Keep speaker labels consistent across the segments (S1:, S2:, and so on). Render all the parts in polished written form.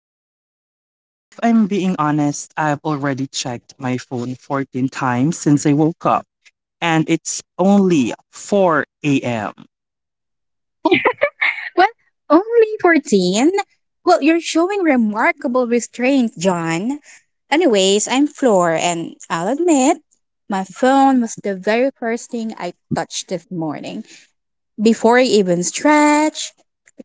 S1: John, and if I'm being honest, I've already checked my phone 14 times since I woke up, and it's only 4 a.m.
S2: Well, only 14? Well, you're showing remarkable restraint, John. Anyways, I'm Floor, and I'll admit, my phone was the very first thing I touched this morning. Before I even stretched,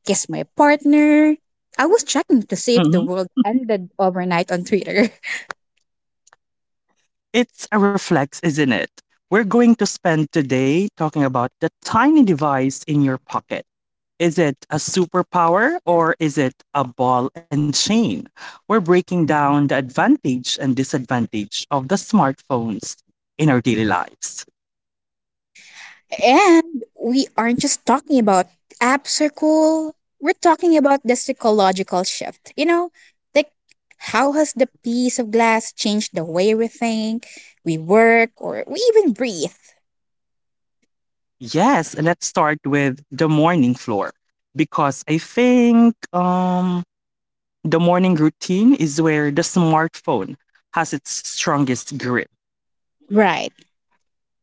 S2: kissed my partner, I was checking to see if the
S1: Mhm.
S2: world ended overnight on Twitter.
S1: It's a reflex, isn't it? We're going to spend today talking about the tiny device in your pocket. Is it a superpower, or is it a ball and chain? We're breaking down the advantage and disadvantage of the smartphones in our daily lives.
S2: And we aren't just talking about apps are cool. We're talking about the psychological shift. Like how has the piece of glass changed the way we think, we work, or we even breathe?
S1: Yes, let's start with the morning, Floor, because I think the morning routine is where the smartphone has its strongest grip.
S2: Right.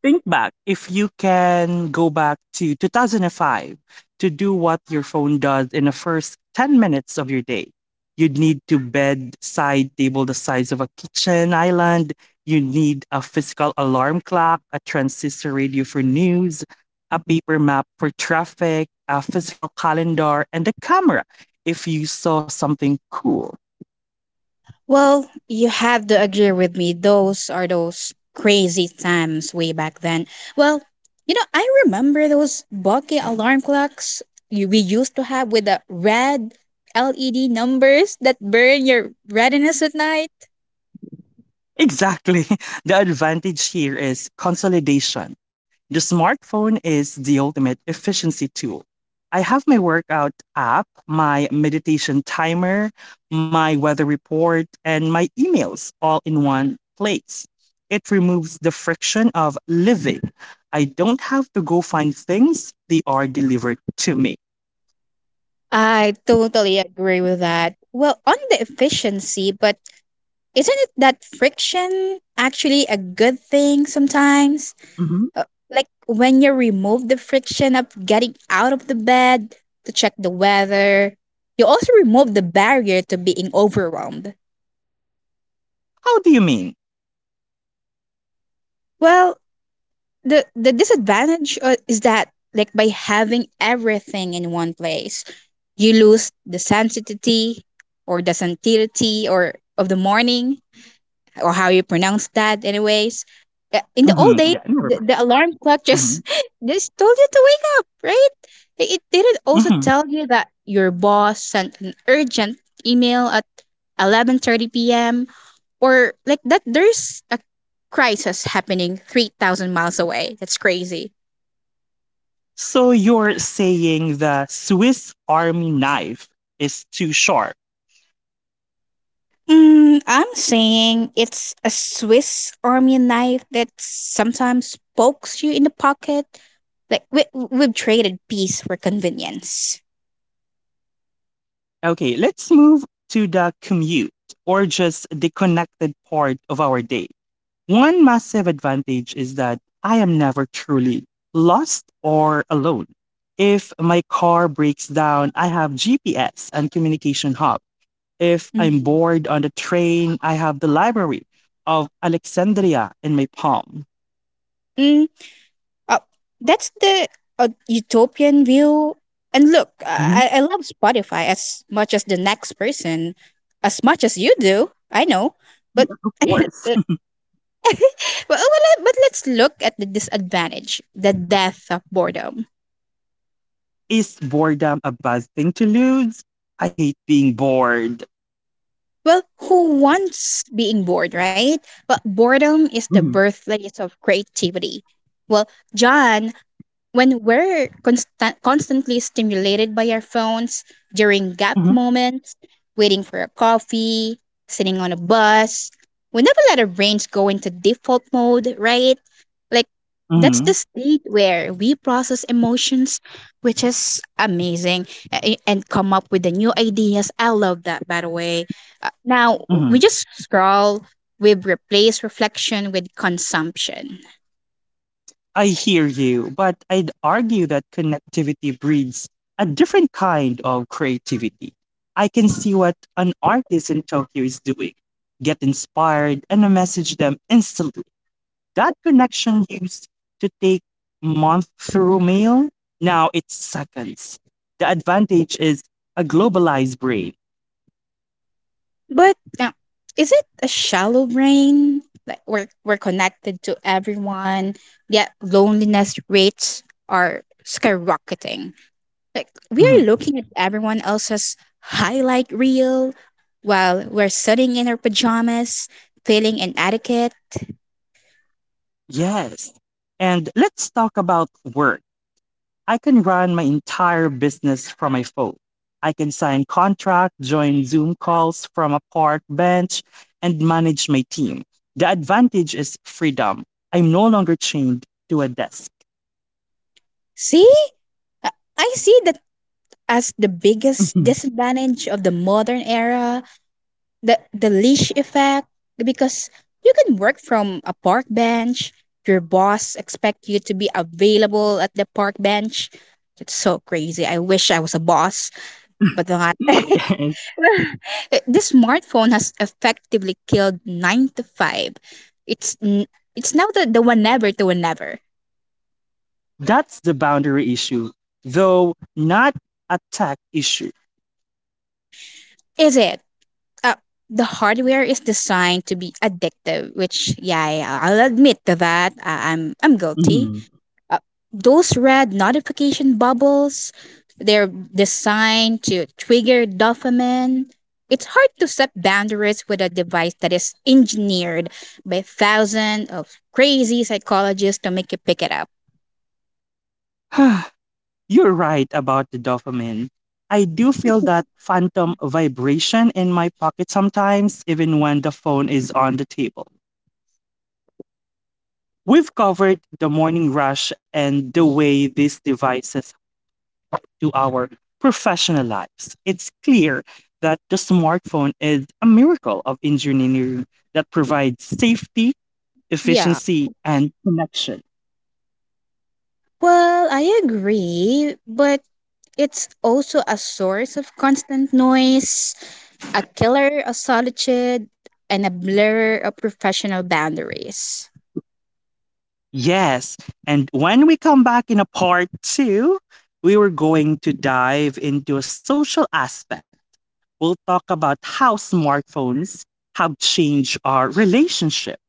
S1: Think back. If you can go back to 2005 to do what your phone does in the first 10 minutes of your day, you'd need to bedside table the size of a kitchen island. You need a physical alarm clock, a transistor radio for news, a paper map for traffic, a physical calendar, and a camera if you saw something cool.
S2: Well, you have to agree with me. Those are those crazy times way back then. Well, you know, I remember those bulky alarm clocks we used to have with the red LED numbers that burn your redness at night.
S1: Exactly. The advantage here is consolidation. The smartphone is the ultimate efficiency tool. I have my workout app, my meditation timer, my weather report, and my emails all in one place. It removes the friction of living. I don't have to go find things, they are delivered to me.
S2: I totally agree with that. Well, on the efficiency, but isn't it that friction actually a good thing sometimes?
S1: Mhm.
S2: Uh, like when you remove the friction of getting out of the bed to check the weather, you also remove the barrier to being overwhelmed.
S1: How do you mean?
S2: Well, the disadvantage is that like by having everything in one place, you lose the sensitivity or of the morning or how you pronounce that, anyways. In the old days,
S1: Yeah, never
S2: the,
S1: mind.
S2: the alarm clock
S1: hmm
S2: just just told you to wake up, right? It didn't also
S1: hmm
S2: tell you that your boss sent an urgent email at 11:30 p.m. or like that there's a crisis happening 3,000 miles away. That's crazy.
S1: So you're saying the Swiss Army knife is too sharp.
S2: Mm, I'm saying it's a Swiss Army knife that sometimes pokes you in the pocket. Like we've traded peace for convenience.
S1: Okay, let's move to the commute, or just the connected part of our day. One massive advantage is that I am never truly lost or alone. If my car breaks down, I have GPS and communication hub. If I'm bored on the train, I have the library of Alexandria in my palm.
S2: Mhm. Uh, that's the utopian view. And look,
S1: Mhm.
S2: I love Spotify as much as the next person, as much as you do. I know, but
S1: Of
S2: well,
S1: course.
S2: well, let- but let's look at the disadvantage, the death of boredom.
S1: Is boredom a bad thing to lose? I hate being bored.
S2: Well, who wants being bored, right? But boredom is the
S1: Mhm,
S2: birthplace of creativity. Well, John, when we're constantly stimulated by our phones during gap
S1: mhm.
S2: moments, waiting for a coffee, sitting on a bus, we never let our brains go into default mode, right? Like, that's
S1: Mm-hmm.
S2: the state where we process emotions, which is amazing, and come up with the new ideas. I love that, by the way. Now,
S1: mm-hmm.
S2: we just scroll, we replace reflection with consumption.
S1: I hear you, but I'd argue that connectivity breeds a different kind of creativity. I can see what an artist in Tokyo is doing, get inspired, and I message them instantly. That connection used to take month through mail, now it's seconds. The advantage is a globalized brain.
S2: But now, is it a shallow brain? Like we're connected to everyone, yet loneliness rates are skyrocketing. Like we
S1: Mhm.
S2: are looking at everyone else's highlight reel while we're sitting in our pajamas, feeling inadequate.
S1: Yes. And let's talk about work. I can run my entire business from my phone. I can sign contracts, join Zoom calls from a park bench, and manage my team. The advantage is freedom. I'm no longer chained to a desk.
S2: See, I I see that as the biggest
S1: Mhm.
S2: disadvantage of the modern era. The leash effect, because you can work from a park bench, your boss expect you to be available at the park bench. It's so crazy, I wish I was a boss, but not. The smartphone has effectively killed 9 to 5. it's n- it's now the whenever to whenever.
S1: That's the boundary issue, though not a tech issue.
S2: Is it, uh, the hardware is designed to be addictive, which yeah, I'll admit to that. I'm guilty.
S1: Mhm.
S2: Those red notification bubbles, they're designed to trigger dopamine. It's hard to set boundaries with a device that is engineered by thousands of crazy psychologists to make you pick it up.
S1: You're right about the dopamine. I do feel that phantom vibration in my pocket sometimes, even when the phone is on the table. We've covered the morning rush and the way these devices do our professional lives. It's clear that the smartphone is a miracle of engineering that provides safety,
S2: Yeah,
S1: efficiency, and connection.
S2: well, I agree, but it's also a source of constant noise, a killer of solitude, and a blurrer of professional boundaries.
S1: Yes, and when we come back in a part two, we were going to dive into a social aspect. We'll talk about how smartphones have changed our relationship,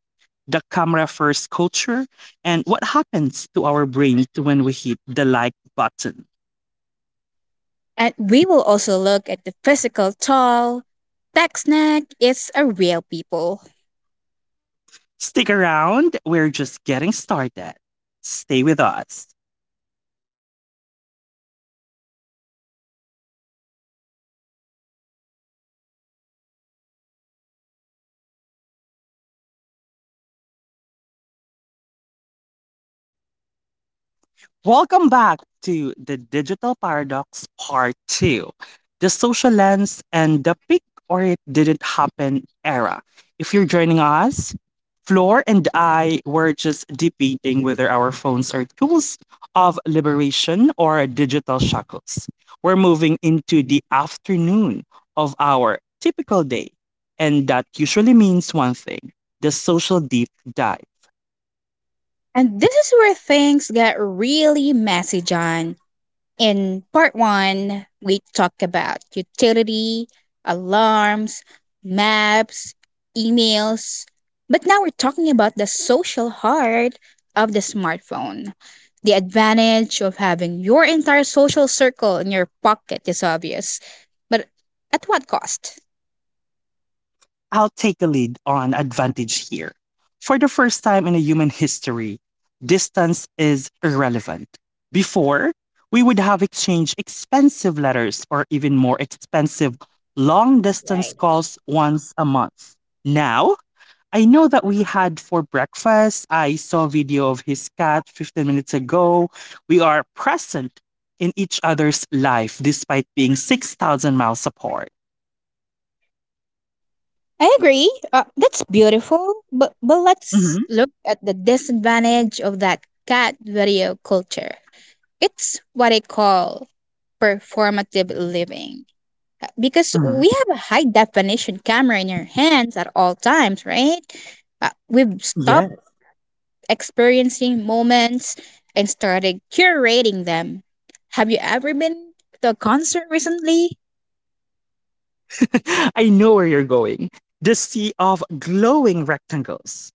S1: the camera first culture, and what happens to our brains when we hit the like button.
S2: And we will also look at the physical toll. Tech snack is a real people.
S1: Stick around, we're just getting started. Stay with us. Welcome back to the Digital Paradox Part 2, the social lens and the peak or it didn't happen era. If you're joining us, Floor and I were just debating whether our phones are tools of liberation or digital shackles. We're moving into the afternoon of our typical day, and that usually means one thing: the social deep dive.
S2: And this is where things get really messy, John. In part one, we talked about utility, alarms, maps, emails, but now we're talking about the social heart of the smartphone. The advantage of having your entire social circle in your pocket is obvious, but at what cost?
S1: I'll take the lead on advantage here. For the first time in human history, distance is irrelevant. Before, we would have exchanged expensive letters or even more expensive long distance
S2: Right.
S1: calls once a month. Now, I know that we had for breakfast. I saw a video of his cat 15 minutes ago. We are present in each other's life despite being 6,000 miles apart.
S2: I agree. That's beautiful, but let's
S1: Mm-hmm.
S2: look at the disadvantage of that cat video culture. It's what I call performative living. Because
S1: Mm-hmm.
S2: we have a high definition camera in our hands at all times, right, we've stopped
S1: Yeah.
S2: experiencing moments and started curating them. Have you ever been to a concert recently?
S1: I know where you're going. The sea of glowing rectangles.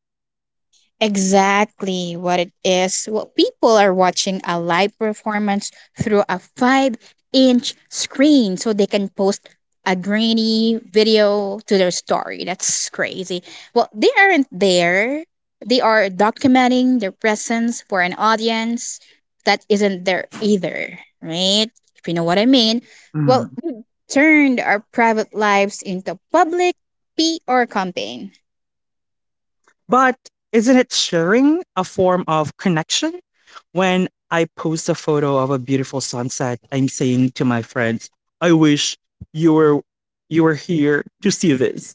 S2: Exactly what it is. What people are watching a live performance through a five-inch screen so they can post a grainy video to their story. That's crazy. Well, they aren't there. They are documenting their presence for an audience that isn't there either, right? If you know what I mean.
S1: Mhm.
S2: Well, we turned our private lives into public PR campaign.
S1: But isn't it sharing a form of connection? When I post a photo of a beautiful sunset, I'm saying to my friends, I wish you were you were here to see this.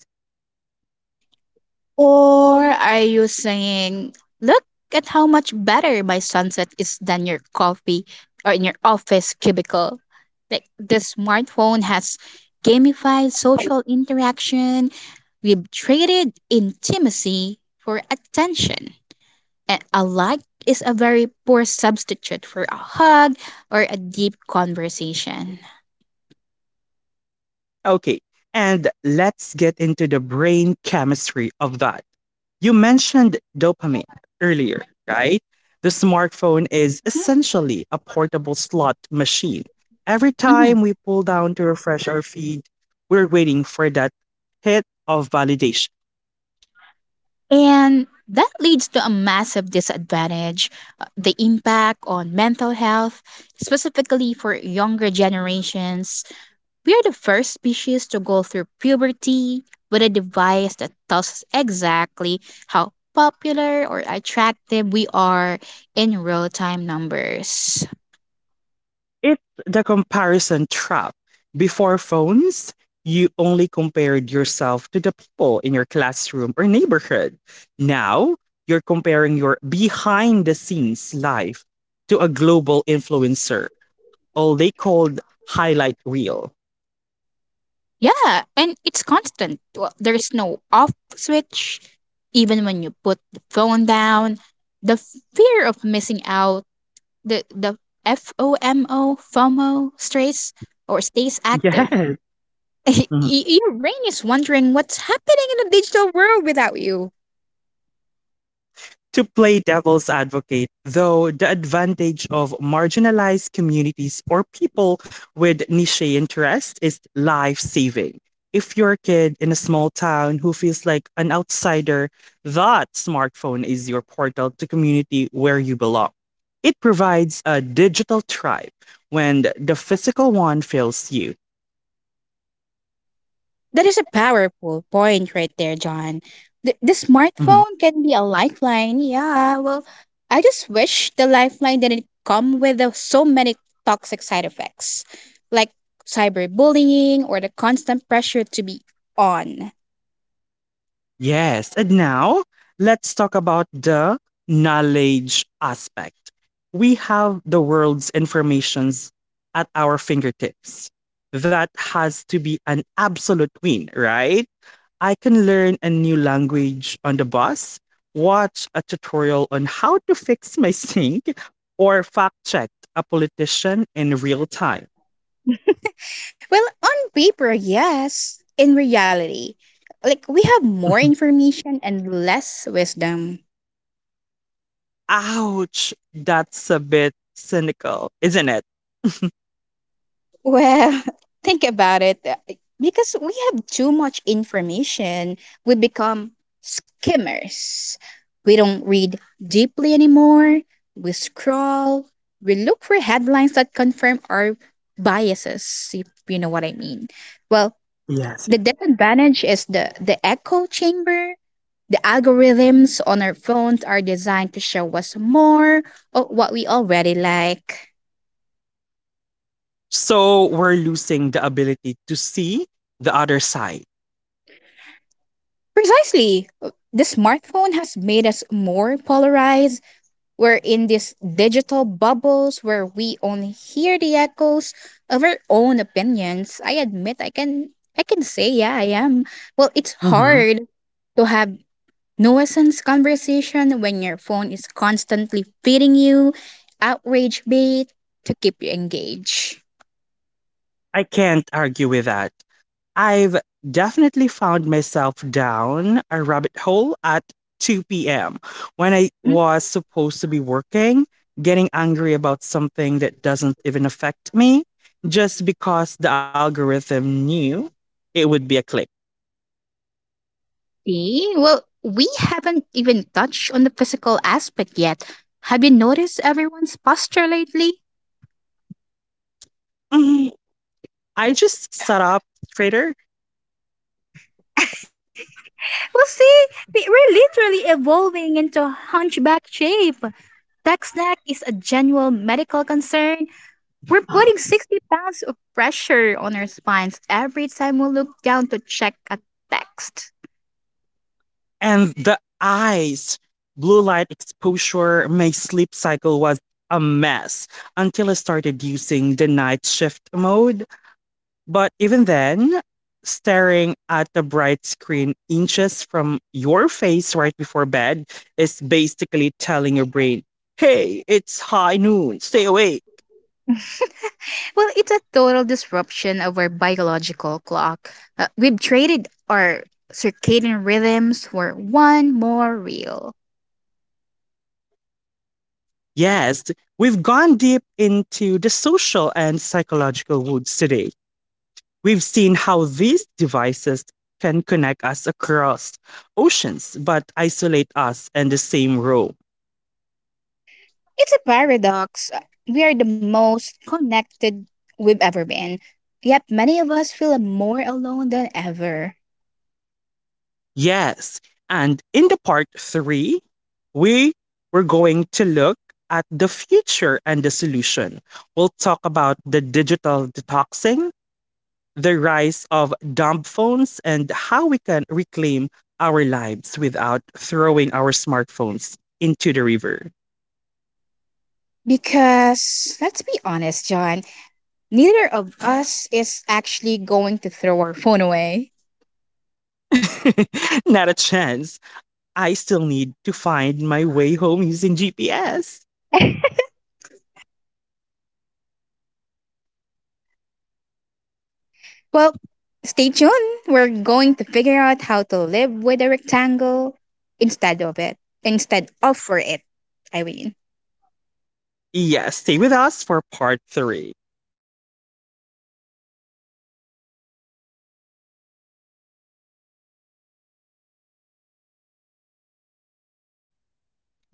S2: Or are you saying, look at how much better my sunset is than your coffee or in your office cubicle? Like the smartphone has gamified social interaction. We've traded intimacy for attention. And a like is a very poor substitute for a hug or a deep conversation.
S1: Okay, and let's get into the brain chemistry of that. You mentioned dopamine earlier, right? The smartphone is essentially a portable slot machine. Every time
S2: Mhm.
S1: we pull down to refresh our feed, we're waiting for that hit of validation.
S2: And that leads to a massive disadvantage, the impact on mental health, specifically for younger generations. We are the first species to go through puberty with a device that tells us exactly how popular or attractive we are in real time numbers.
S1: It's the comparison trap. Before phones, you only compared yourself to the people in your classroom or neighborhood. Now, you're comparing your behind the scenes life to a global influencer, all they called highlight reel.
S2: Yeah, and it's constant. Well, there's no off switch. Even when you put the phone down, the fear of missing out, the FOMO, FOMO stress, or stays
S1: Yes.
S2: active. Your brain is wondering what's happening in the digital world without you.
S1: To play devil's advocate, though, the advantage of marginalized communities or people with niche interests is life saving. If you're a kid in a small town who feels like an outsider, that smartphone is your portal to community where you belong. It provides a digital tribe when the physical one fails you.
S2: That is a powerful point right there, John. The
S1: Mhm.
S2: smartphone can be a lifeline. Yeah, well, I just wish the lifeline didn't come with so many toxic side effects, like cyberbullying or the constant pressure to be on.
S1: Yes, and now let's talk about the knowledge aspect. We have the world's informations at our fingertips. That has to be an absolute win, right? I can learn a new language on the bus, watch a tutorial on how to fix my sink, or fact check a politician in real time.
S2: Well, on paper, yes. In reality, like we have more information and less wisdom.
S1: Ouch, that's a bit cynical, isn't it?
S2: Well, think about it. Because we have too much information, we become skimmers. We don't read deeply anymore. We scroll. We look for headlines that confirm our biases, if you know what I mean. Well, the disadvantage is the echo chamber, the algorithms on our phones are designed to show us more of what we already like.
S1: So we're losing the ability to see the other side.
S2: Precisely. The smartphone has made us more polarized. We're in these digital bubbles where we only hear the echoes of our own opinions. I admit I can say yeah, I am. Well, it's
S1: Mhm.
S2: hard to have nuisance conversation when your phone is constantly feeding you outrage bait to keep you engaged.
S1: I can't argue with that. I've definitely found myself down a rabbit hole at 2 p.m. when I was supposed to be working, getting angry about something that doesn't even affect me just because the algorithm knew it would be a click.
S2: See? Well, we haven't even touched on the physical aspect yet. Have you noticed everyone's posture lately?
S1: Mhm. I just set up Trader,
S2: Well, see, we're literally evolving into a hunchback shape. Text neck is a genuine medical concern. We're putting 60 pounds of pressure on our spines every time we look down to check a text.
S1: and the eyes, blue light exposure, my sleep cycle was a mess until I started using the night shift mode. But even then, staring at the bright screen inches from your face right before bed is basically telling your brain, hey, it's high noon, stay awake.
S2: Well, it's a total disruption of our biological clock. We've traded our circadian rhythms for one more reel.
S1: Yes, we've gone deep into the social and psychological woods today. We've seen how these devices can connect us across oceans but isolate us in the same room.
S2: It's a paradox. We are the most connected we've ever been. Yet many of us feel more alone than ever.
S1: Yes. And in the part three, we were going to look at the future and the solution. We'll talk about the digital detoxing, the rise of dumb phones, and how we can reclaim our lives without throwing our smartphones into the river.
S2: Because, let's be honest, John, neither of us is actually going to throw our phone away.
S1: Not a chance. I still need to find my way home using GPS.
S2: Well, stay tuned. We're going to figure out how to live with a rectangle instead of it. Instead of for it, I mean.
S1: Yes, stay with us for part three.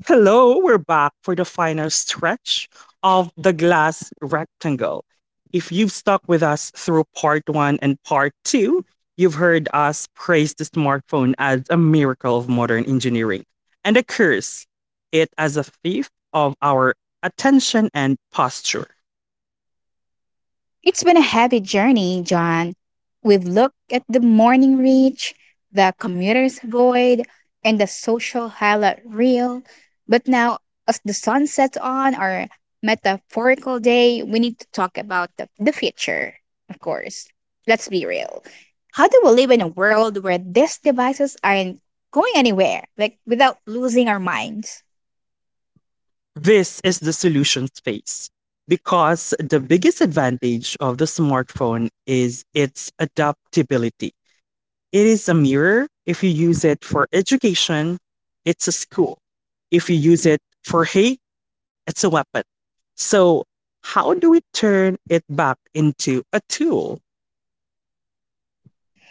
S1: Hello, we're back for the final stretch of the glass rectangle. If you've stuck with us through part one and part two, you've heard us praise the smartphone as a miracle of modern engineering and a curse it as a thief of our attention and posture.
S2: It's been a heavy journey, John. We've looked at the morning reach, the commuter's void, and the social highlight reel. But now, as the sun sets on our metaphorical day, we need to talk about the future, of course. Let's be real. How do we live in a world where these devices aren't going anywhere, like without losing our minds?
S1: This is the solution space, because the biggest advantage of the smartphone is its adaptability. It is a mirror. If you use it for education, it's a school. If you use it for hate, it's a weapon. So, how do we turn it back into a tool?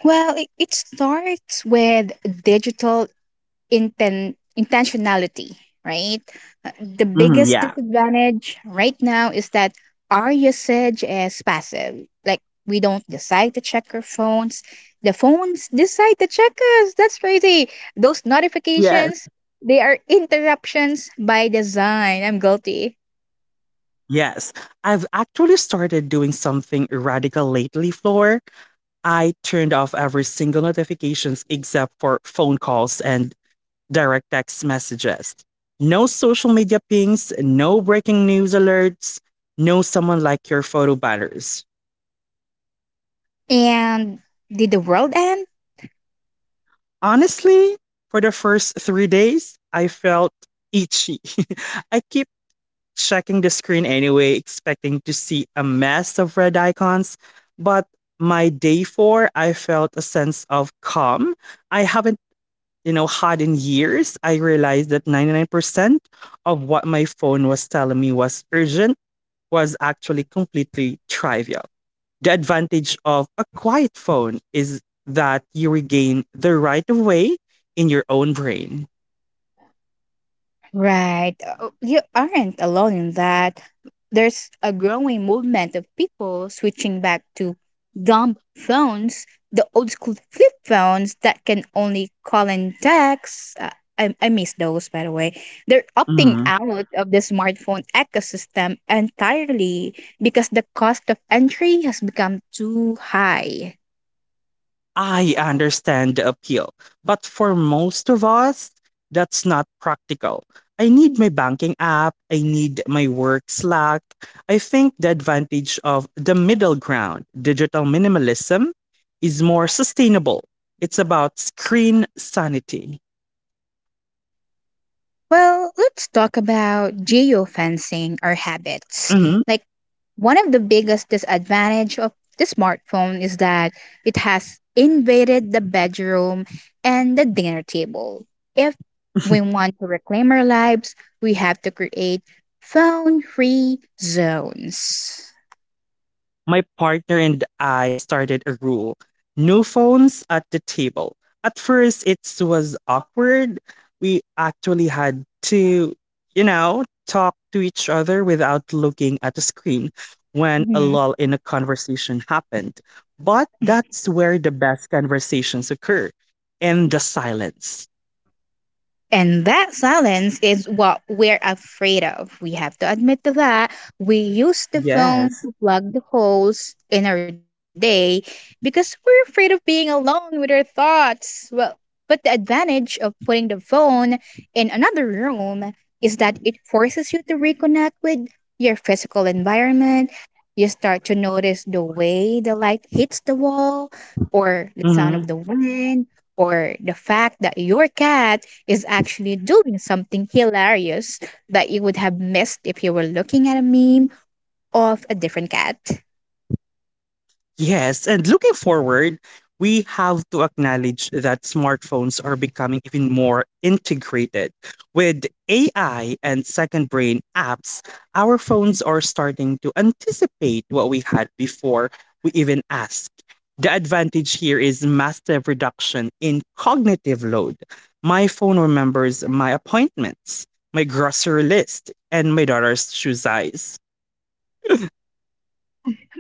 S2: Well, it starts with digital intentionality, right? The
S1: Mhm,
S2: biggest
S1: yeah.
S2: disadvantage right now is that our usage is passive. Like, we don't decide to check our phones. The phones decide to check us. That's crazy. Those
S1: Yes.
S2: notifications, they are interruptions by design. I'm guilty.
S1: Yes, I've actually started doing something radical lately, Floor. I turned off every single notifications except for phone calls and direct text messages. No social media pings, no breaking news alerts, no someone like your photo batters.
S2: And did the world end?
S1: Honestly, for the first 3 days, I felt itchy. I keep checking the screen anyway, expecting to see a mess of red icons. But my day four, I felt a sense of calm. I haven't, had in years. I realized that 99% of what my phone was telling me was urgent was actually completely trivial. The advantage of a quiet phone is that you regain the right of way in your own brain.
S2: Right. You aren't alone in that. There's a growing movement of people switching back to dumb phones, the old school flip phones that can only call and text. I miss those, by the way. They're opting
S1: Mhm.
S2: out of the smartphone ecosystem entirely because the cost of entry has become too high.
S1: I understand the appeal, but for most of us, that's not practical. I need my banking app, I need my work Slack. I think the advantage of the middle ground, digital minimalism, is more sustainable. It's about screen sanity.
S2: Well, let's talk about geofencing our habits.
S1: Mhm.
S2: Like, one of the biggest disadvantage of the smartphone is that it has invaded the bedroom and the dinner table. If we want to reclaim our lives, we have to create phone-free zones.
S1: My partner and I started a rule: no phones at the table. At first, it was awkward. We actually had to, talk to each other without looking at the screen when a lull in a conversation happened. But that's where the best conversations occur, in the silence.
S2: And that silence is what we're afraid of. We have to admit to that. We use the phone
S1: Yes.
S2: to plug the holes in our day because we're afraid of being alone with our thoughts. Well, but the advantage of putting the phone in another room is that it forces you to reconnect with your physical environment. You start to notice the way the light hits the wall, or the sound
S1: Mm-hmm.
S2: of the wind, or the fact that your cat is actually doing something hilarious that you would have missed if you were looking at a meme of a different cat.
S1: Yes, and looking forward, we have to acknowledge that smartphones are becoming even more integrated. With AI and second brain apps, our phones are starting to anticipate what we had before we even asked. The advantage here is massive reduction in cognitive load. My phone remembers my appointments, my grocery list, and my daughter's shoe size.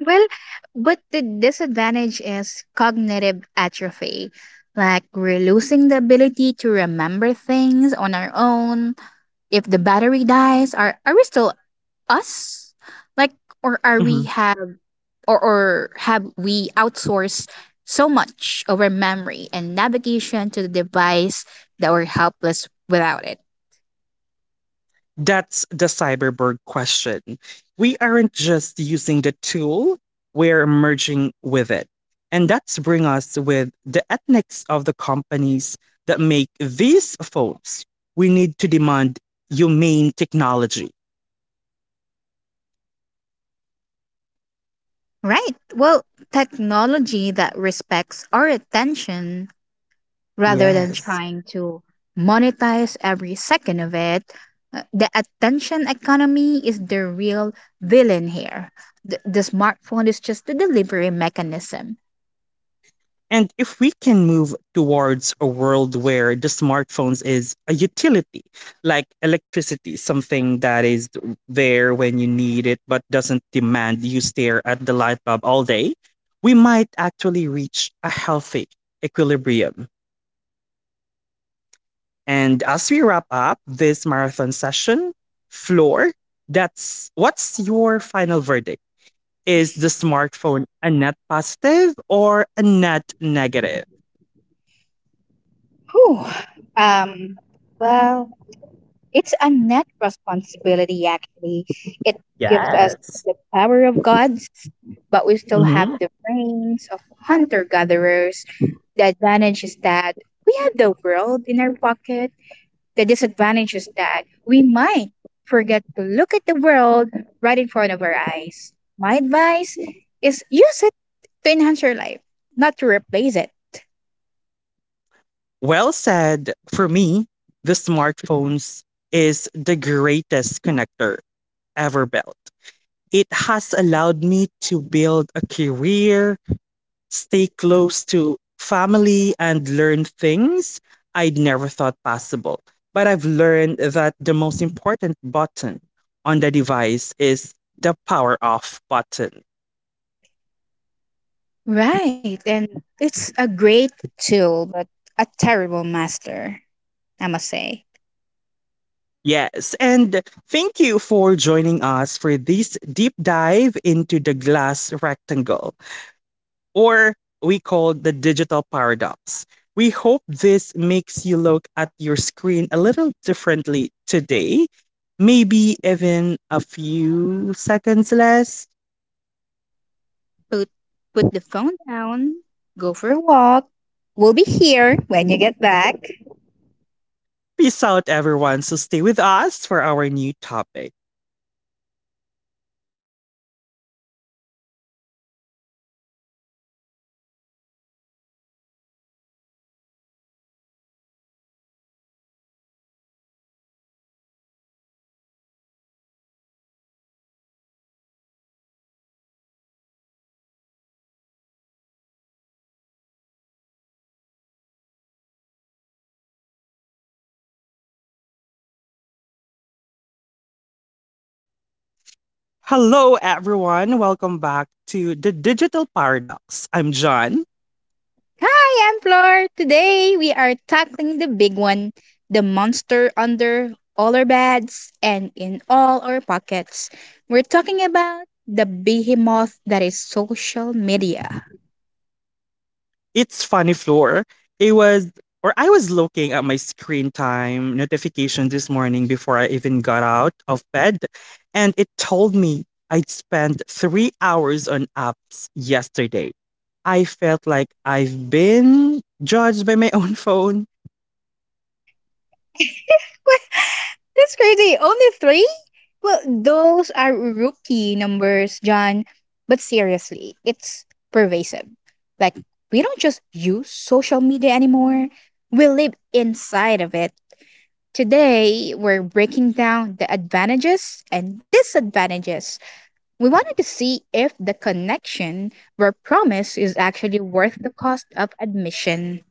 S2: Well, but the disadvantage is cognitive atrophy. Like, we're losing the ability to remember things on our own. If the battery dies, are we still us? Like, or are we or have we outsourced so much of our memory and navigation to the device that we're helpless without it?
S1: That's the cyberborg question. We aren't just using the tool, we're merging with it. And that's bring us with the ethics of the companies that make these folks. We need to demand humane technology.
S2: Right. Well, technology that respects our attention rather than
S1: Yes.
S2: trying to monetize every second of it. The attention economy is the real villain here. The smartphone is just the delivery mechanism.
S1: And if we can move towards a world where the smartphones is a utility, like electricity, something that is there when you need it but doesn't demand you stare at the light bulb all day, we might actually reach a healthy equilibrium. And as we wrap up this marathon session, Floor, that's what's your final verdict? Is the smartphone a net positive or a net negative?
S2: Whew. Um, well, it's a net responsibility, actually. It gives us
S1: Yes.
S2: the power of gods, but we still have
S1: Hmm.
S2: the brains of hunter gatherers. The advantage is that we have the world in our pocket. The disadvantage is that we might forget to look at the world right in front of our eyes. My advice is use it to enhance your life, not to replace it.
S1: Well said. For me, the smartphones is the greatest connector ever built. It has allowed me to build a career, stay close to family, and learn things I'd never thought possible. But I've learned that the most important button on the device is the power off button.
S2: Right, and it's a great tool, but a terrible master, I must say.
S1: Yes, and thank you for joining us for this deep dive into the glass rectangle, or we call the digital paradox. We hope this makes you look at your screen a little differently today, maybe even a few seconds less.
S2: Put, put the phone down, go for a walk. We'll be here when you get back.
S1: Peace out, everyone. So stay with us for our new topic. Hello, everyone. Welcome back to the digital paradox. I'm John.
S2: Hi, I'm Flor. Today we are tackling the big one, the monster under all our beds and in all our pockets. We're talking about the behemoth that is social media.
S1: It's funny, Floor. It was or I was looking at my screen time notification this morning before I even got out of bed, and it told me I'd spent 3 hours on apps yesterday. I felt like I've been judged by my own phone.
S2: What? That's crazy. Only three? Well, those are rookie numbers, John. But seriously, it's pervasive. Like, we don't just use social media anymore, we live inside of it. Today, we're breaking down the advantages and disadvantages. We wanted to see if the connection we're promised is actually worth the cost of admission.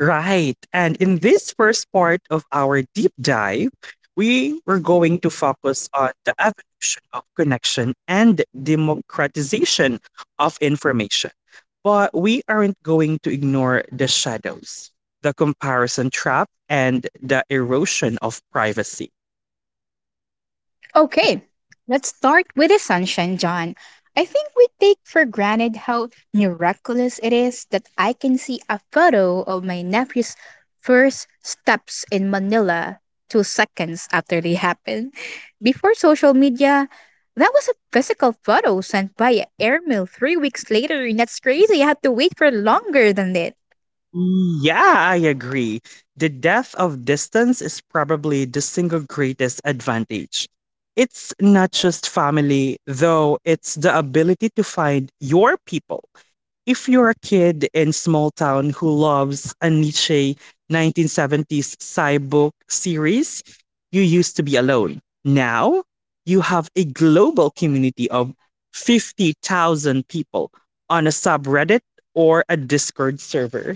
S1: Right. And in this first part of our deep dive, we were going to focus on the evolution of connection and democratization of information. But we aren't going to ignore the shadows, the comparison trap, and the erosion of privacy.
S2: Okay, let's start with the sunshine, John. I think we take for granted how miraculous it is that I can see a photo of my nephew's first steps in Manila 2 seconds after they happen. Before social media, that was a physical photo sent via airmail 3 weeks later, and that's crazy. I had to wait for longer than that.
S1: Yeah, I agree. The depth of distance is probably the single greatest advantage. It's not just family, though, it's the ability to find your people. If you're a kid in small town who loves a niche 1970s sci book series, you used to be alone. Now, you have a global community of 50,000 people on a subreddit or a Discord server.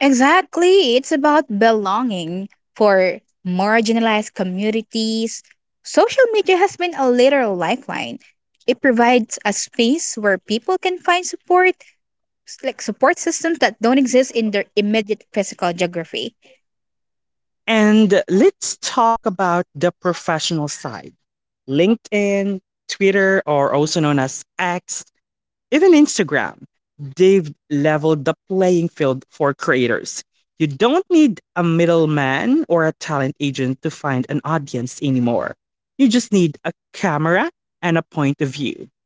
S2: Exactly. It's about belonging for marginalized communities. Social media has been a literal lifeline. It provides a space where people can find support, like support systems that don't exist in their immediate physical geography.
S1: And let's talk about the professional side. LinkedIn, Twitter, or also known as X, even Instagram, they've leveled the playing field for creators. You don't need a middleman or a talent agent to find an audience anymore. You just need a camera and a point of view.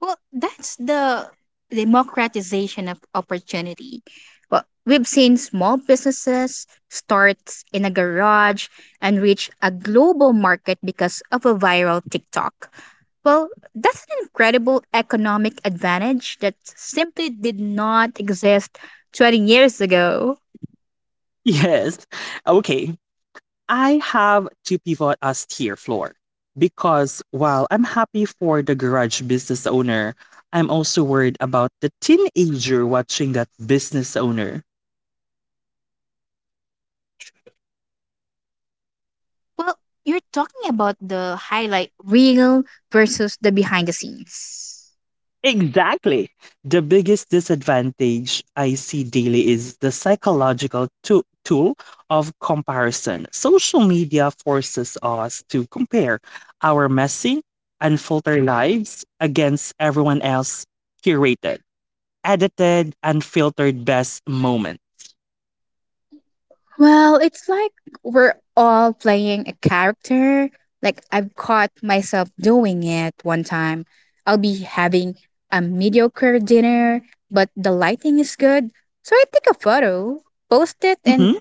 S2: Well, that's the democratization of opportunity. Well, we've seen small businesses start in a garage and reach a global market because of a viral TikTok. Well, that's an incredible economic advantage that simply did not exist 20 years ago.
S1: Yes. Okay. I have to pivot as tier Floor, because while I'm happy for the garage business owner, I'm also worried about the teenager watching that business owner.
S2: Well, you're talking about the highlight reel versus the behind the scenes.
S1: Exactly. The biggest disadvantage I see daily is the psychological tool of comparison. Social media forces us to compare our messy, unfiltered lives against everyone else curated, edited, unfiltered best moment.
S2: Well, it's like we're all playing a character. Like I've caught myself doing it one time. I'll be having a mediocre dinner, but the lighting is good. So I take a photo, post it, and
S1: Mhm.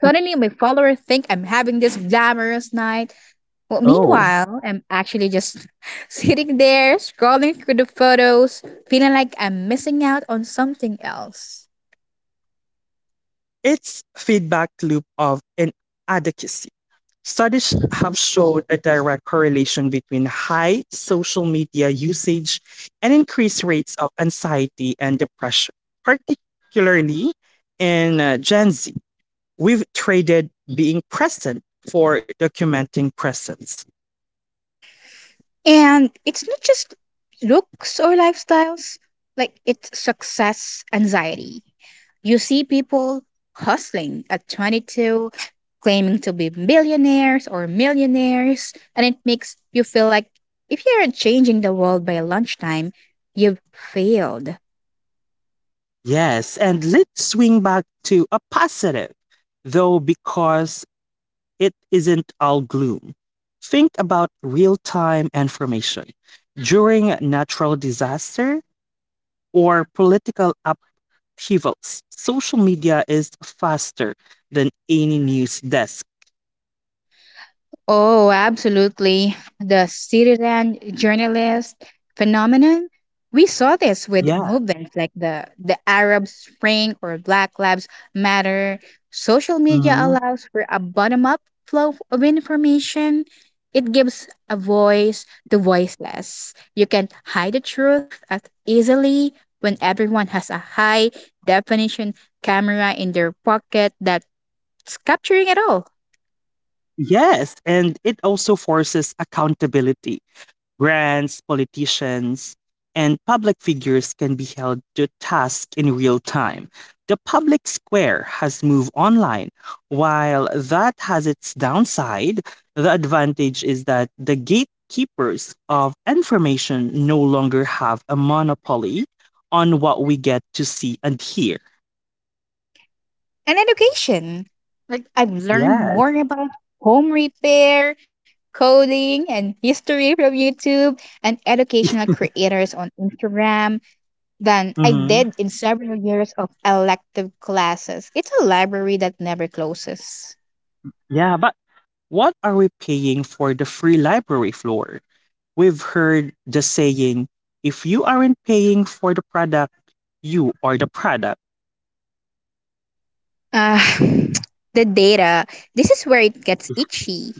S2: suddenly my followers think I'm having this glamorous night. Well,
S1: Oh.
S2: meanwhile, I'm actually just sitting there scrolling through the photos, feeling like I'm missing out on something else.
S1: It's feedback loop of inadequacy. Studies have shown a direct correlation between high social media usage and increased rates of anxiety and depression, particularly in Gen Z. We've traded being present for documenting presence.
S2: And it's not just looks or lifestyles, like it's success anxiety. You see people hustling at 22, claiming to be millionaires or millionaires, and it makes you feel like if you aren't changing the world by lunchtime, you've failed.
S1: Yes, and let's swing back to a positive, though, because it isn't all gloom. Think about real time information during natural disaster or political upheavals. Social media is faster than any news desk.
S2: Oh, absolutely. The citizen journalist phenomenon. We saw this with
S1: Yeah.
S2: movements like the Arab Spring or Black Lives Matter. Social media
S1: Mhm.
S2: allows for a bottom up flow of information. It gives a voice to voiceless. You can hide the truth as easily when everyone has a high definition camera in their pocket that's capturing it all.
S1: Yes, and it also forces accountability. Brands, politicians, and public figures can be held to task in real time. The public square has moved online. While that has its downside, the advantage is that the gatekeepers of information no longer have a monopoly on what we get to see and hear.
S2: And education. Like I've learned more
S1: Yes.
S2: about home repair, coding, and history from YouTube and educational creators on Instagram than I
S1: Hmm.
S2: did in several years of elective classes. It's a library that never closes.
S1: Yeah, but what are we paying for the free library, Floor? We've heard the saying, if you aren't paying for the product, you are the product.
S2: Ah, the data. This is where it gets itchy.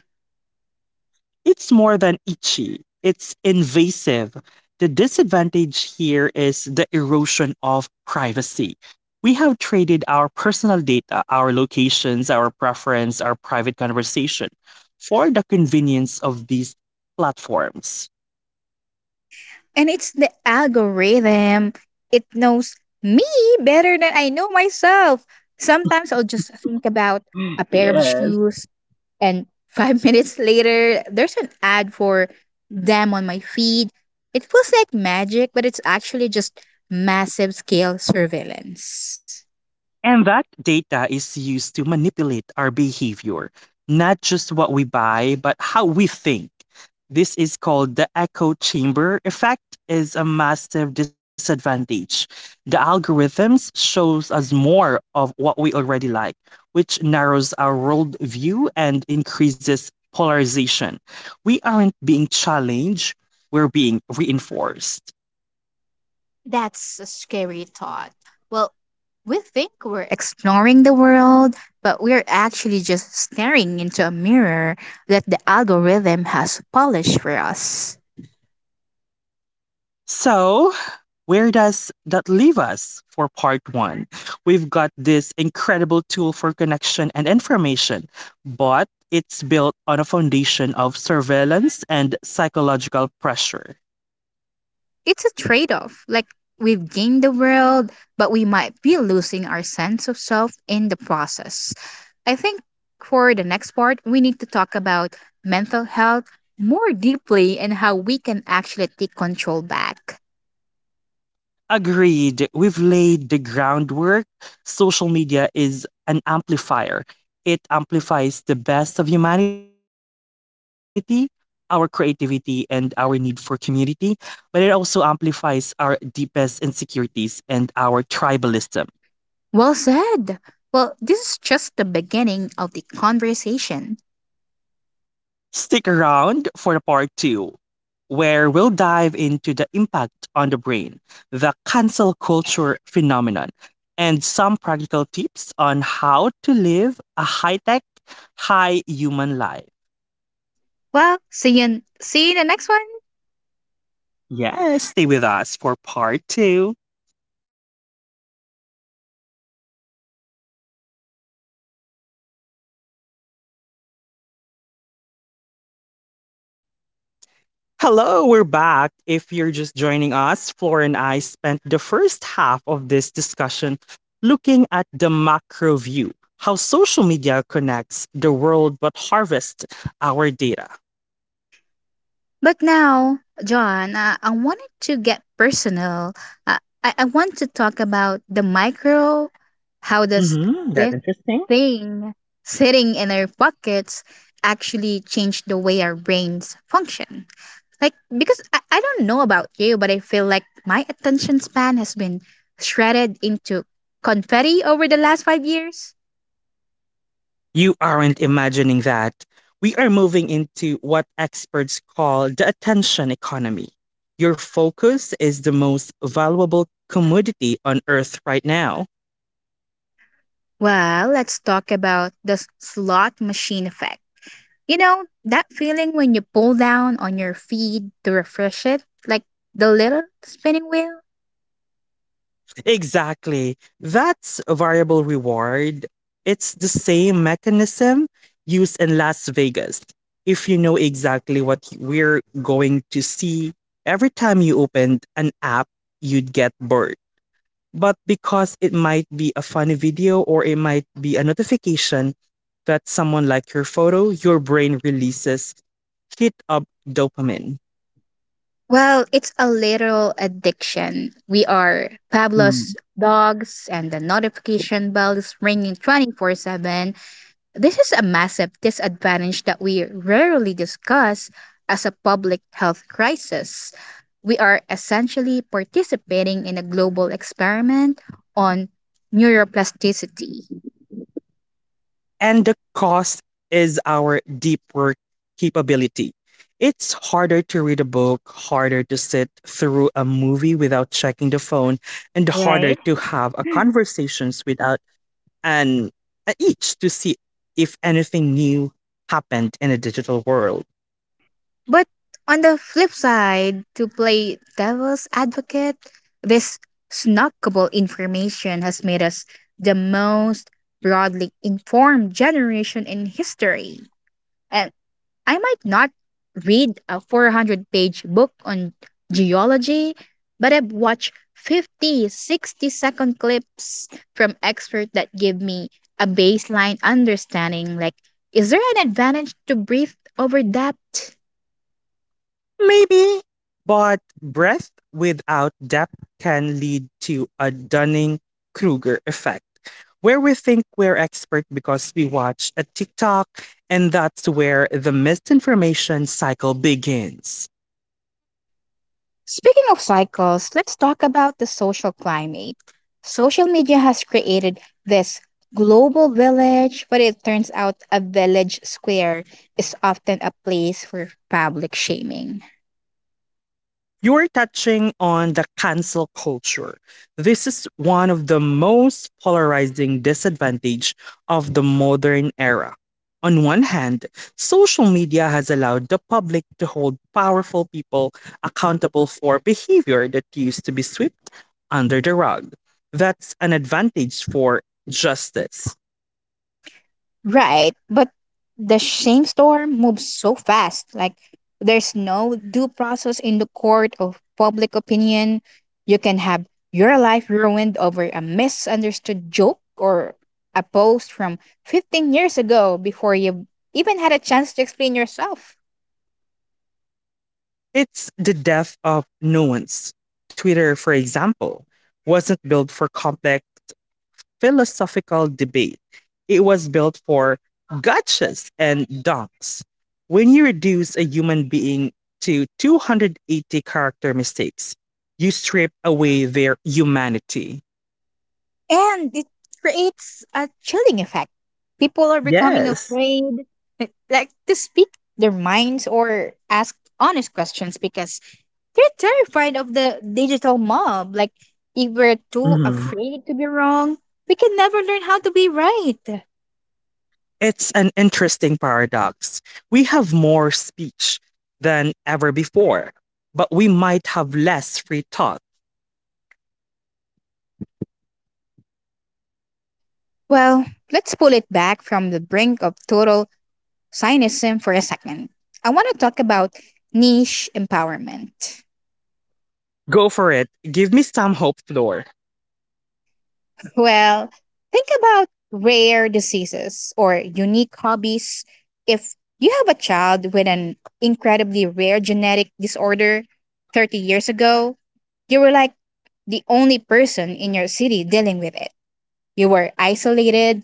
S1: It's more than itchy, it's invasive. The disadvantage here is the erosion of privacy. We have traded our personal data, our locations, our preference, our private conversation for the convenience of these platforms.
S2: And it's the algorithm. It knows me better than I know myself. Sometimes I'll just think about a pair of
S1: Yes.
S2: shoes and five minutes later, there's an ad for them on my feed. It feels like magic, but it's actually just massive scale surveillance.
S1: And that data is used to manipulate our behavior, not just what we buy, but how we think. This is called the echo chamber effect is a massive disadvantage. The algorithms shows us more of what we already like, which narrows our worldview and increases polarization. We aren't being challenged, we're being reinforced.
S2: That's a scary thought. Well, we think we're exploring the world, but we're actually just staring into a mirror that the algorithm has polished for us.
S1: So where does that leave us for part one? We've got this incredible tool for connection and information, but it's built on a foundation of surveillance and psychological pressure.
S2: It's a trade off. Like, we've gained the world, but we might be losing our sense of self in the process. I think for the next part, we need to talk about mental health more deeply and how we can actually take control back.
S1: Agreed, we've laid the groundwork. Social media is an amplifier, it amplifies the best of humanity. Our creativity and our need for community, but it also amplifies our deepest insecurities and our tribalism.
S2: Well said. Well, this is just the beginning of the conversation.
S1: Stick around for the part two, where we'll dive into the impact on the brain, the cancel culture phenomenon, and some practical tips on how to live a high tech, high human life.
S2: Well, see you in the next one.
S1: Yes, stay with us for part two. Hello, we're back. If you're just joining us, Flora and I spent the first half of this discussion looking at the macro view, how social media connects the world but harvests our data.
S2: But now, John, I wanted to get personal. I want to talk about the micro. How does
S1: Mm-hmm. That's
S2: this
S1: interesting.
S2: thing sitting in our pockets actually change the way our brains function? Like, because I don't know about you, but I feel like my attention span has been shredded into confetti over the last 5 years.
S1: You aren't imagining that. We are moving into what experts call the attention economy. Your focus is the most valuable commodity on earth right now.
S2: Well, let's talk about the slot machine effect. You know, that feeling when you pull down on your feed to refresh it, like the little spinning wheel?
S1: Exactly. That's a variable reward. It's the same mechanism used in Las Vegas. If you know exactly what we're going to see, every time you opened an app, you'd get bored. But because it might be a funny video or it might be a notification that someone liked your photo, your brain releases hit up dopamine.
S2: Well, it's a literal addiction. We are Pablo's dogs, and the notification bell is ringing 24/7. This is a massive disadvantage that we rarely discuss as a public health crisis. We are essentially participating in a global experiment on neuroplasticity.
S1: And the cost is our deep work capability. It's harder to read a book, harder to sit through a movie without checking the phone, and harder
S2: Right?
S1: to have a conversations without an, an itch to see if anything new happened in a digital world.
S2: But on the flip side, to play devil's advocate, this snackable information has made us the most broadly informed generation in history. And I might not read a 400-page book on geology, but I've watched 50, 60 second clips from experts that give me a baseline understanding like, is there an advantage to breadth over depth?
S1: Maybe. But breadth without depth can lead to a Dunning Kruger effect, where we think we're expert because we watch a TikTok, and that's where the misinformation cycle begins.
S2: Speaking of cycles, let's talk about the social climate. Social media has created this global village, but it turns out a village square is often a place for public shaming.
S1: You were touching on the cancel culture. This is one of the most polarizing disadvantage of the modern era. On one hand, social media has allowed the public to hold powerful people accountable for behavior that used to be swept under the rug. That's an advantage for justice.
S2: Right, but the shame storm moves so fast. Like there's no due process in the court of public opinion. You can have your life ruined over a misunderstood joke or a post from 15 years ago before you even had a chance to explain yourself.
S1: It's the death of nuance. Twitter, for example, wasn't built for complex philosophical debate. It was built for gotchas and donks. When you reduce a human being to 280 character mistakes, you strip away their humanity.
S2: And it creates a chilling effect. People are becoming
S1: Yes.
S2: afraid to speak their minds or ask honest questions because they're terrified of the digital mob. Like, if we're too
S1: Hmm.
S2: afraid to be wrong, we can never learn how to be right.
S1: It's an interesting paradox. We have more speech than ever before, but we might have less free thought.
S2: Well, let's pull it back from the brink of total cynicism for a second. I want to talk about niche empowerment.
S1: Go for it. Give me some hope, Floor.
S2: Well, think about rare diseases or unique hobbies. If you have a child with an incredibly rare genetic disorder 30 years ago, you were like, the only person in your city dealing with it. You were isolated.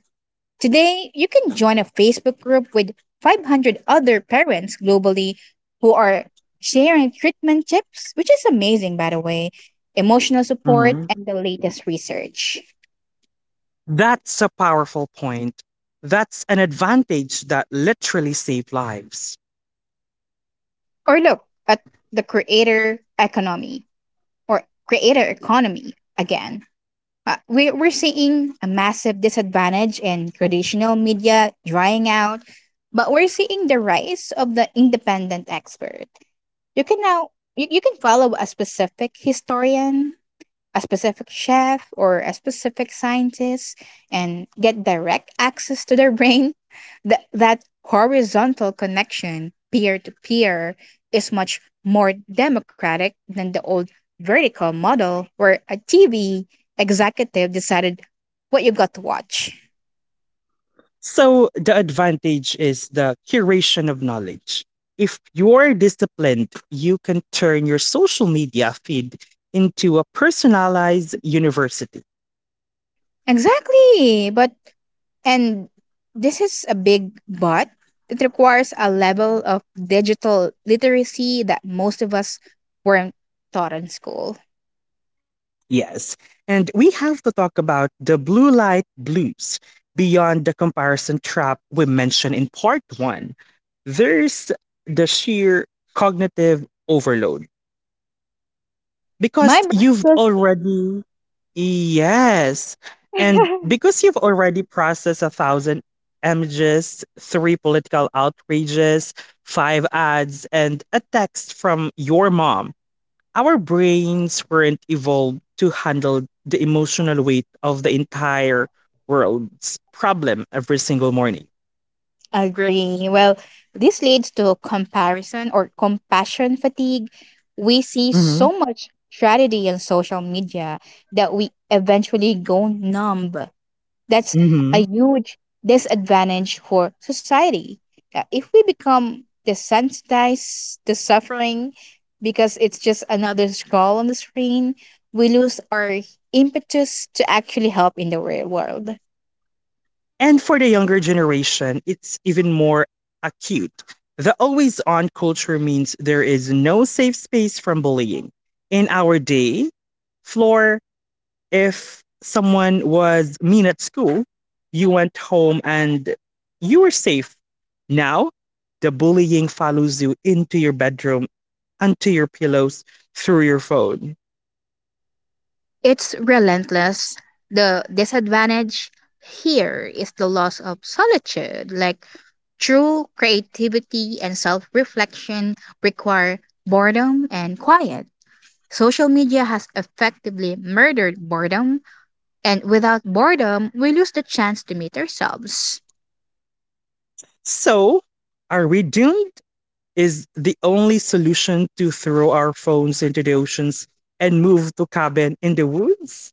S2: Today, you can join a Facebook group with 500 other parents globally who are sharing treatment tips, which is amazing, by the way, emotional support,
S1: Mhm.
S2: and the latest research.
S1: That's a powerful point. That's an advantage that literally saved lives.
S2: Or look at the creator economy or creator economy again. We're seeing a massive disadvantage in traditional media drying out, but we're seeing the rise of the independent expert. You can now you can follow a specific historian, a specific chef or a specific scientist and get direct access to their brain, that horizontal connection peer to peer is much more democratic than the old vertical model where a TV executive decided what you got to watch.
S1: So, the advantage is the curation of knowledge. If you're disciplined, you can turn your social media feed into a personalized university.
S2: Exactly. But, and this is a big but, it requires a level of digital literacy that most of us weren't taught in school.
S1: Yes. And we have to talk about the blue light blues beyond the comparison trap we mentioned in part one. There's the sheer cognitive overload because
S2: My
S1: you've
S2: brothers
S1: already, yes. And because you've already processed a thousand images, three political outrages, five ads, and a text from your mom, our brains weren't evolved to handle the emotional weight of the entire world's problem every single morning.
S2: agree. Well, this leads to comparison or compassion fatigue. We see
S1: Hmm.
S2: so much tragedy on social media that we eventually go numb. That's a
S1: Hmm.
S2: huge disadvantage for society. If we become desensitized to suffering because it's just another scroll on the screen, we lose our impetus to actually help in the real world.
S1: And for the younger generation, it's even more acute. The always on culture means there is no safe space from bullying. In our day, Floor, if someone was mean at school, you went home and you were safe. Now, the bullying follows you into your bedroom, onto your pillows, through your phone.
S2: It's relentless. The disadvantage here is the loss of solitude. Like true creativity and self reflection require boredom and quiet. Social media has effectively murdered boredom, and without boredom, we lose the chance to meet ourselves.
S1: So, are we doomed? Is the only solution to throw our phones into the oceans and move to cabin in the woods?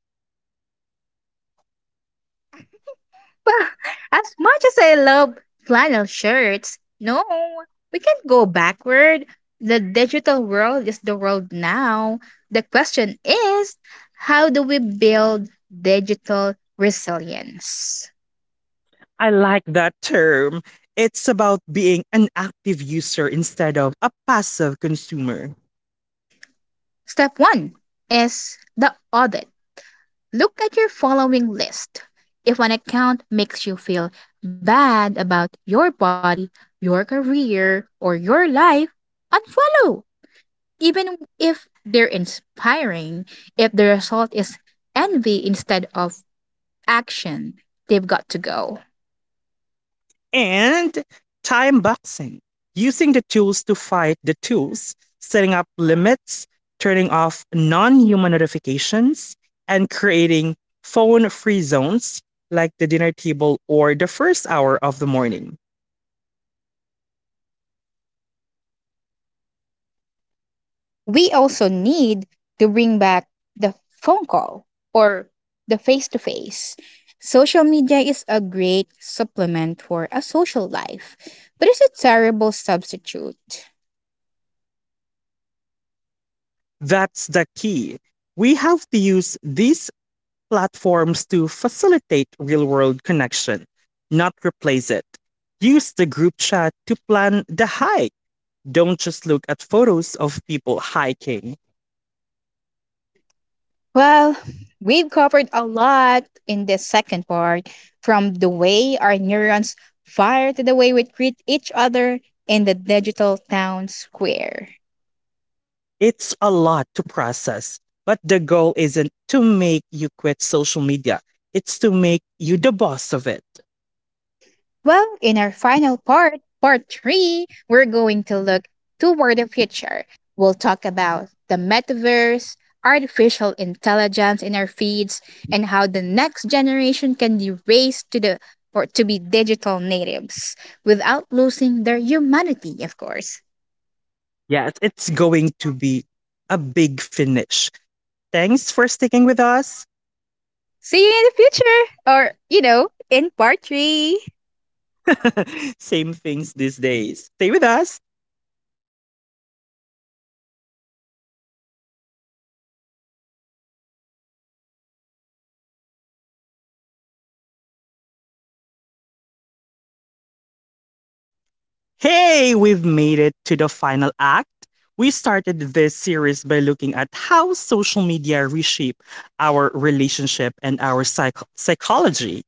S2: Well, as much as I love flannel shirts, no, we can't go backward. The digital world is the world now. The question is how do we build digital resilience?
S1: I like that term. It's about being an active user instead of a passive consumer.
S2: Step one is the audit. Look at your following list. If an account makes you feel bad about your body, your career, or your life, unfollow. Even if they're inspiring, if the result is envy instead of action, they've got to go.
S1: And time boxing, using the tools to fight the tools, setting up limits, turning off non human notifications, and creating phone free zones like the dinner table or the first hour of the morning.
S2: We also need to bring back the phone call or the face to face. Social media is a great supplement for a social life, but it's a terrible substitute.
S1: That's the key. We have to use these platforms to facilitate real world connection, not replace it. Use the group chat to plan the hike. Don't just look at photos of people hiking.
S2: Well, we've covered a lot in this second part from the way our neurons fire to the way we treat each other in the digital town square.
S1: It's a lot to process, but the goal isn't to make you quit social media. It's to make you the boss of it.
S2: Well, in our final part, part three, we're going to look toward the future. We'll talk about the metaverse, artificial intelligence in our feeds, and how the next generation can be raised to the or to be digital natives without losing their humanity, of course.
S1: Yes, it's going to be a big finish. Thanks for sticking with us.
S2: See you in the future, or you know, in part three.
S1: Same things these days. Stay with us. Hey, we've made it to the final act. We started this series by looking at how social media reshape our relationship and our psychology.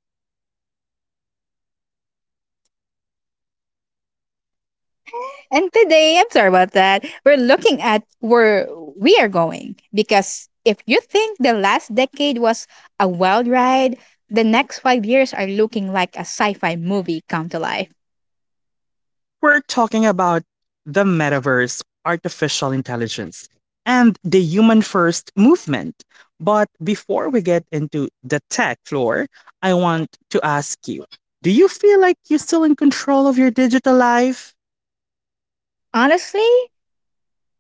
S2: And today, I'm sorry about that. We're looking at where we are going because if you think the last decade was a wild ride, the next 5 years are looking like a sci fi movie come to life.
S1: We're talking about the metaverse, artificial intelligence, and the human first movement. But before we get into the tech, Floor, I want to ask you, do you feel like you're still in control of your digital life?
S2: Honestly,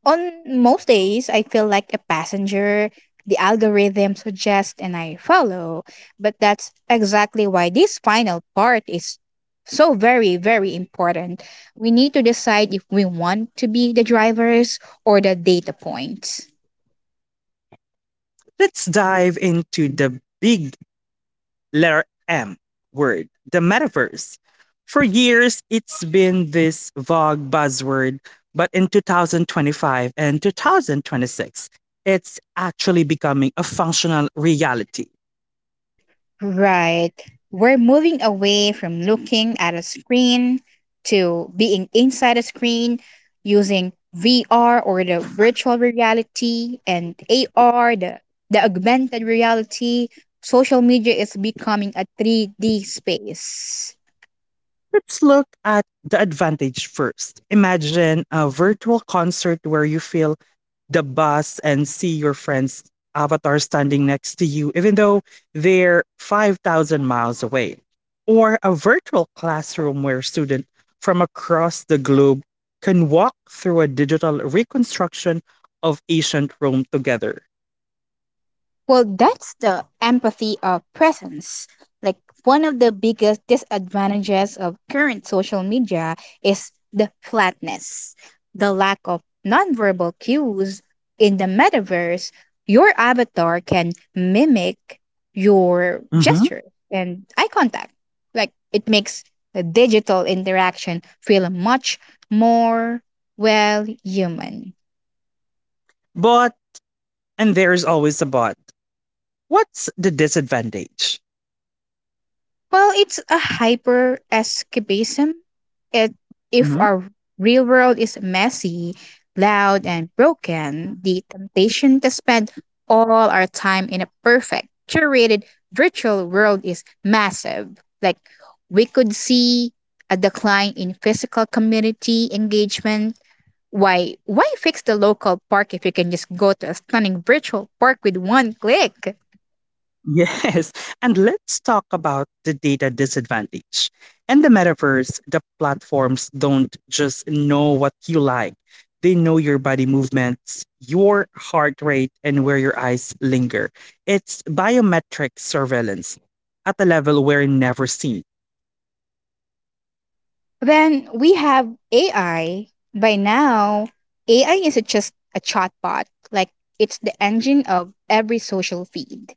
S2: on most days, I feel like a passenger the algorithm suggests and I follow. But that's exactly why this final part is so very, very important. We need to decide if we want to be the drivers or the data points.
S1: Let's dive into the big letter M word, the metaverse. For years, it's been this vague buzzword, but in 2025 and 2026, it's actually becoming a functional reality.
S2: Right. We're moving away from looking at a screen to being inside a screen using VR or the virtual reality and AR, the augmented reality. Social media is becoming a 3D space.
S1: Let's look at the advantage first. Imagine a virtual concert where you feel the bus and see your friend's avatar standing next to you, even though they're 5,000 miles away, or a virtual classroom where students from across the globe can walk through a digital reconstruction of ancient Rome together.
S2: Well, that's the empathy of presence. Like one of the biggest disadvantages of current social media is the flatness, the lack of nonverbal cues. In the metaverse, your avatar can mimic your
S1: Mm-hmm.
S2: gesture and eye contact. Like it makes the digital interaction feel much more, well, human.
S1: But, and there's always a but, what's the disadvantage?
S2: Well, it's a hyper escapism. It, if
S1: Mm-hmm.
S2: our real world is messy, loud, and broken, the temptation to spend all our time in a perfect, curated virtual world is massive. Like, we could see a decline in physical community engagement. Why fix the local park if you can just go to a stunning virtual park with one click?
S1: Yes. And let's talk about the data disadvantage. In the metaverse, the platforms don't just know what you like, they know your body movements, your heart rate, and where your eyes linger. It's biometric surveillance at a level we're never seen.
S2: Then we have AI. By now, AI isn't just a chatbot, like, it's the engine of every social feed.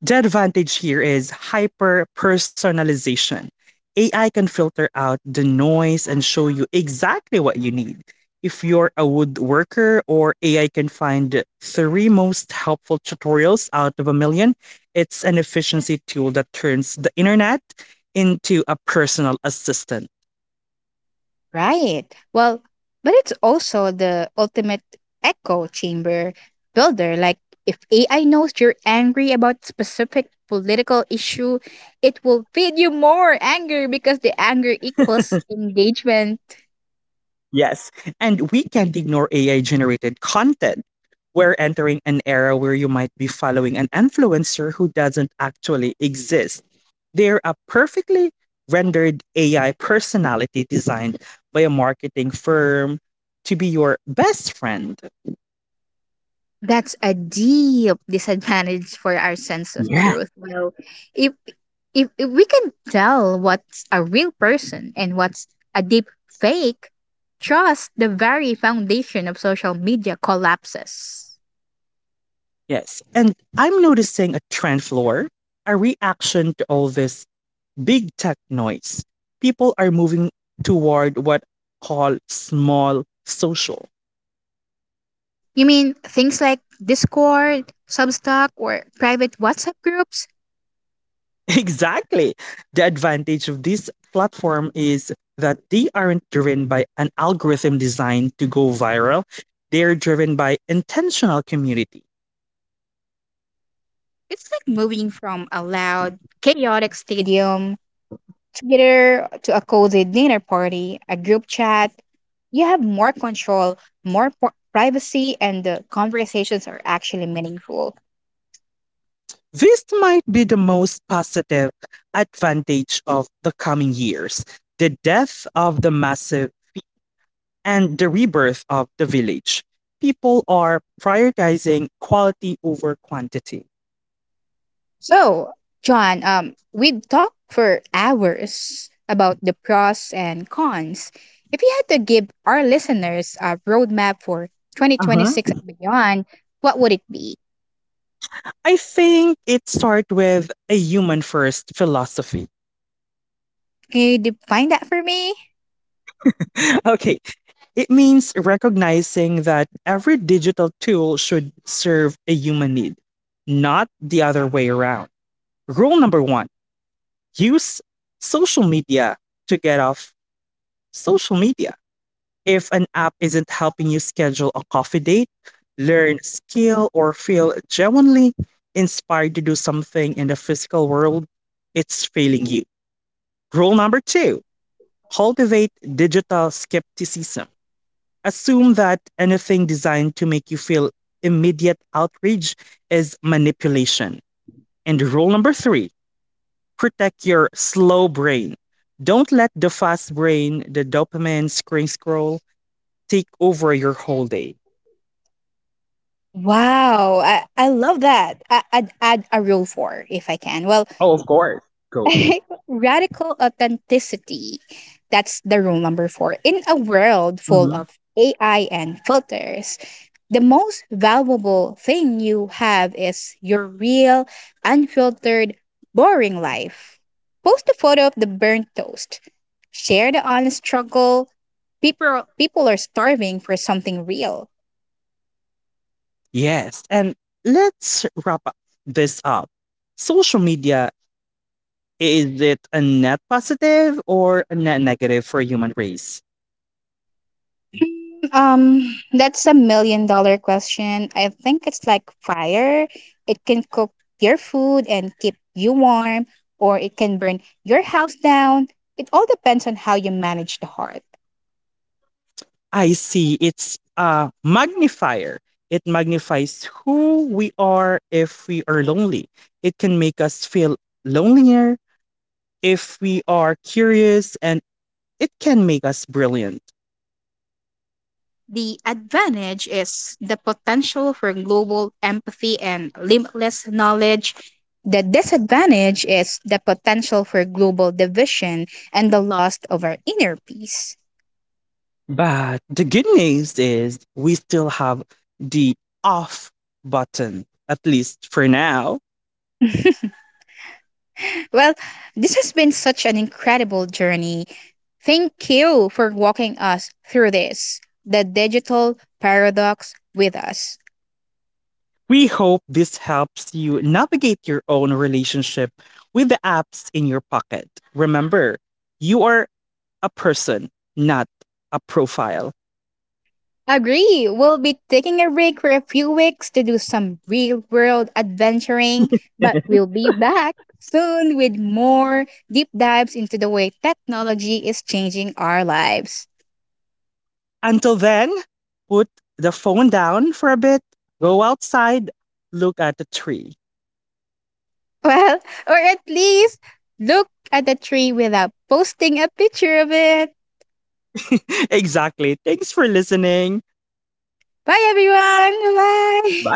S1: The advantage here is hyper personalization. AI can filter out the noise and show you exactly what you need. If you're a woodworker or AI can find three most helpful tutorials out of a million, it's an efficiency tool that turns the internet into a personal assistant.
S2: Right. Well, but it's also the ultimate echo chamber builder. Like, if AI knows you're angry about specific political issue, it will feed you more anger because the anger equals engagement.
S1: Yes. And we can't ignore AI generated content. We're entering an era where you might be following an influencer who doesn't actually exist. They're a perfectly rendered AI personality designed by a marketing firm to be your best friend.
S2: That's a deep disadvantage for our sense of
S1: Yeah.
S2: truth. Well, if if we can tell what's a real person and what's a deep fake, trust the very foundation of social media collapses.
S1: Yes. And I'm noticing a trend, Floor, a reaction to all this big tech noise. People are moving toward what I call small social.
S2: You mean things like Discord, Substack, or private WhatsApp groups?
S1: Exactly. The advantage of this platform is that they aren't driven by an algorithm designed to go viral. They're driven by intentional community.
S2: It's like moving from a loud, chaotic stadium together to a cozy dinner party, a group chat. You have more control, privacy, and the conversations are actually meaningful.
S1: This might be the most positive advantage of the coming years, the death of the massive and the rebirth of the village. People are prioritizing quality over quantity.
S2: So, John, we've talked for hours about the pros and cons. If you had to give our listeners a roadmap for
S1: Uh-huh.
S2: 2026 and beyond, what would it be?
S1: I think it starts with a human first philosophy.
S2: Can you define that for me?
S1: Okay, it means recognizing that every digital tool should serve a human need, not the other way around. Rule number one, use social media to get off social media. If an app isn't helping you schedule a coffee date, learn a skill, or feel genuinely inspired to do something in the physical world, it's failing you. Rule number two, cultivate digital skepticism. Assume that anything designed to make you feel immediate outrage is manipulation. And rule number three, protect your slow brain. Don't let the fast brain, the dopamine screen scroll, take over your whole day.
S2: Wow, I love that. I'd add a rule for if I can. Well,
S1: Oh, of course. Go.
S2: radical authenticity. That's the rule number four. In a world full
S1: Hmm.
S2: of AI and filters, the most valuable thing you have is your real, unfiltered, boring life. Post a photo of the burnt toast. Share the honest struggle. People are starving for something real.
S1: Yes. And let's wrap up this up. Social media, is it a net positive or a net negative for human race?
S2: Um, that's a million-dollar question. I think it's like fire. It can cook your food and keep you warm, or it can burn your house down. It all depends on how you manage the heart.
S1: I see. It's a magnifier. It magnifies who we are if we are lonely. It can make us feel lonelier if we are curious, and it can make us brilliant.
S2: The advantage is the potential for global empathy and limitless knowledge. The disadvantage is the potential for global division and the loss of our inner peace.
S1: But the good news is we still have the off button, at least for now.
S2: Well, this has been such an incredible journey. Thank you for walking us through this, the digital paradox with us.
S1: We hope this helps you navigate your own relationship with the apps in your pocket. Remember, you are a person, not a profile.
S2: Agree, we'll be taking a break for a few weeks to do some real world adventuring, but we'll be back soon with more deep dives into the way technology is changing our lives.
S1: Until then, put the phone down for a bit, go outside, look at the tree.
S2: Well, or at least look at the tree without posting a picture of it.
S1: Exactly. Thanks for listening.
S2: Bye, everyone. Bye.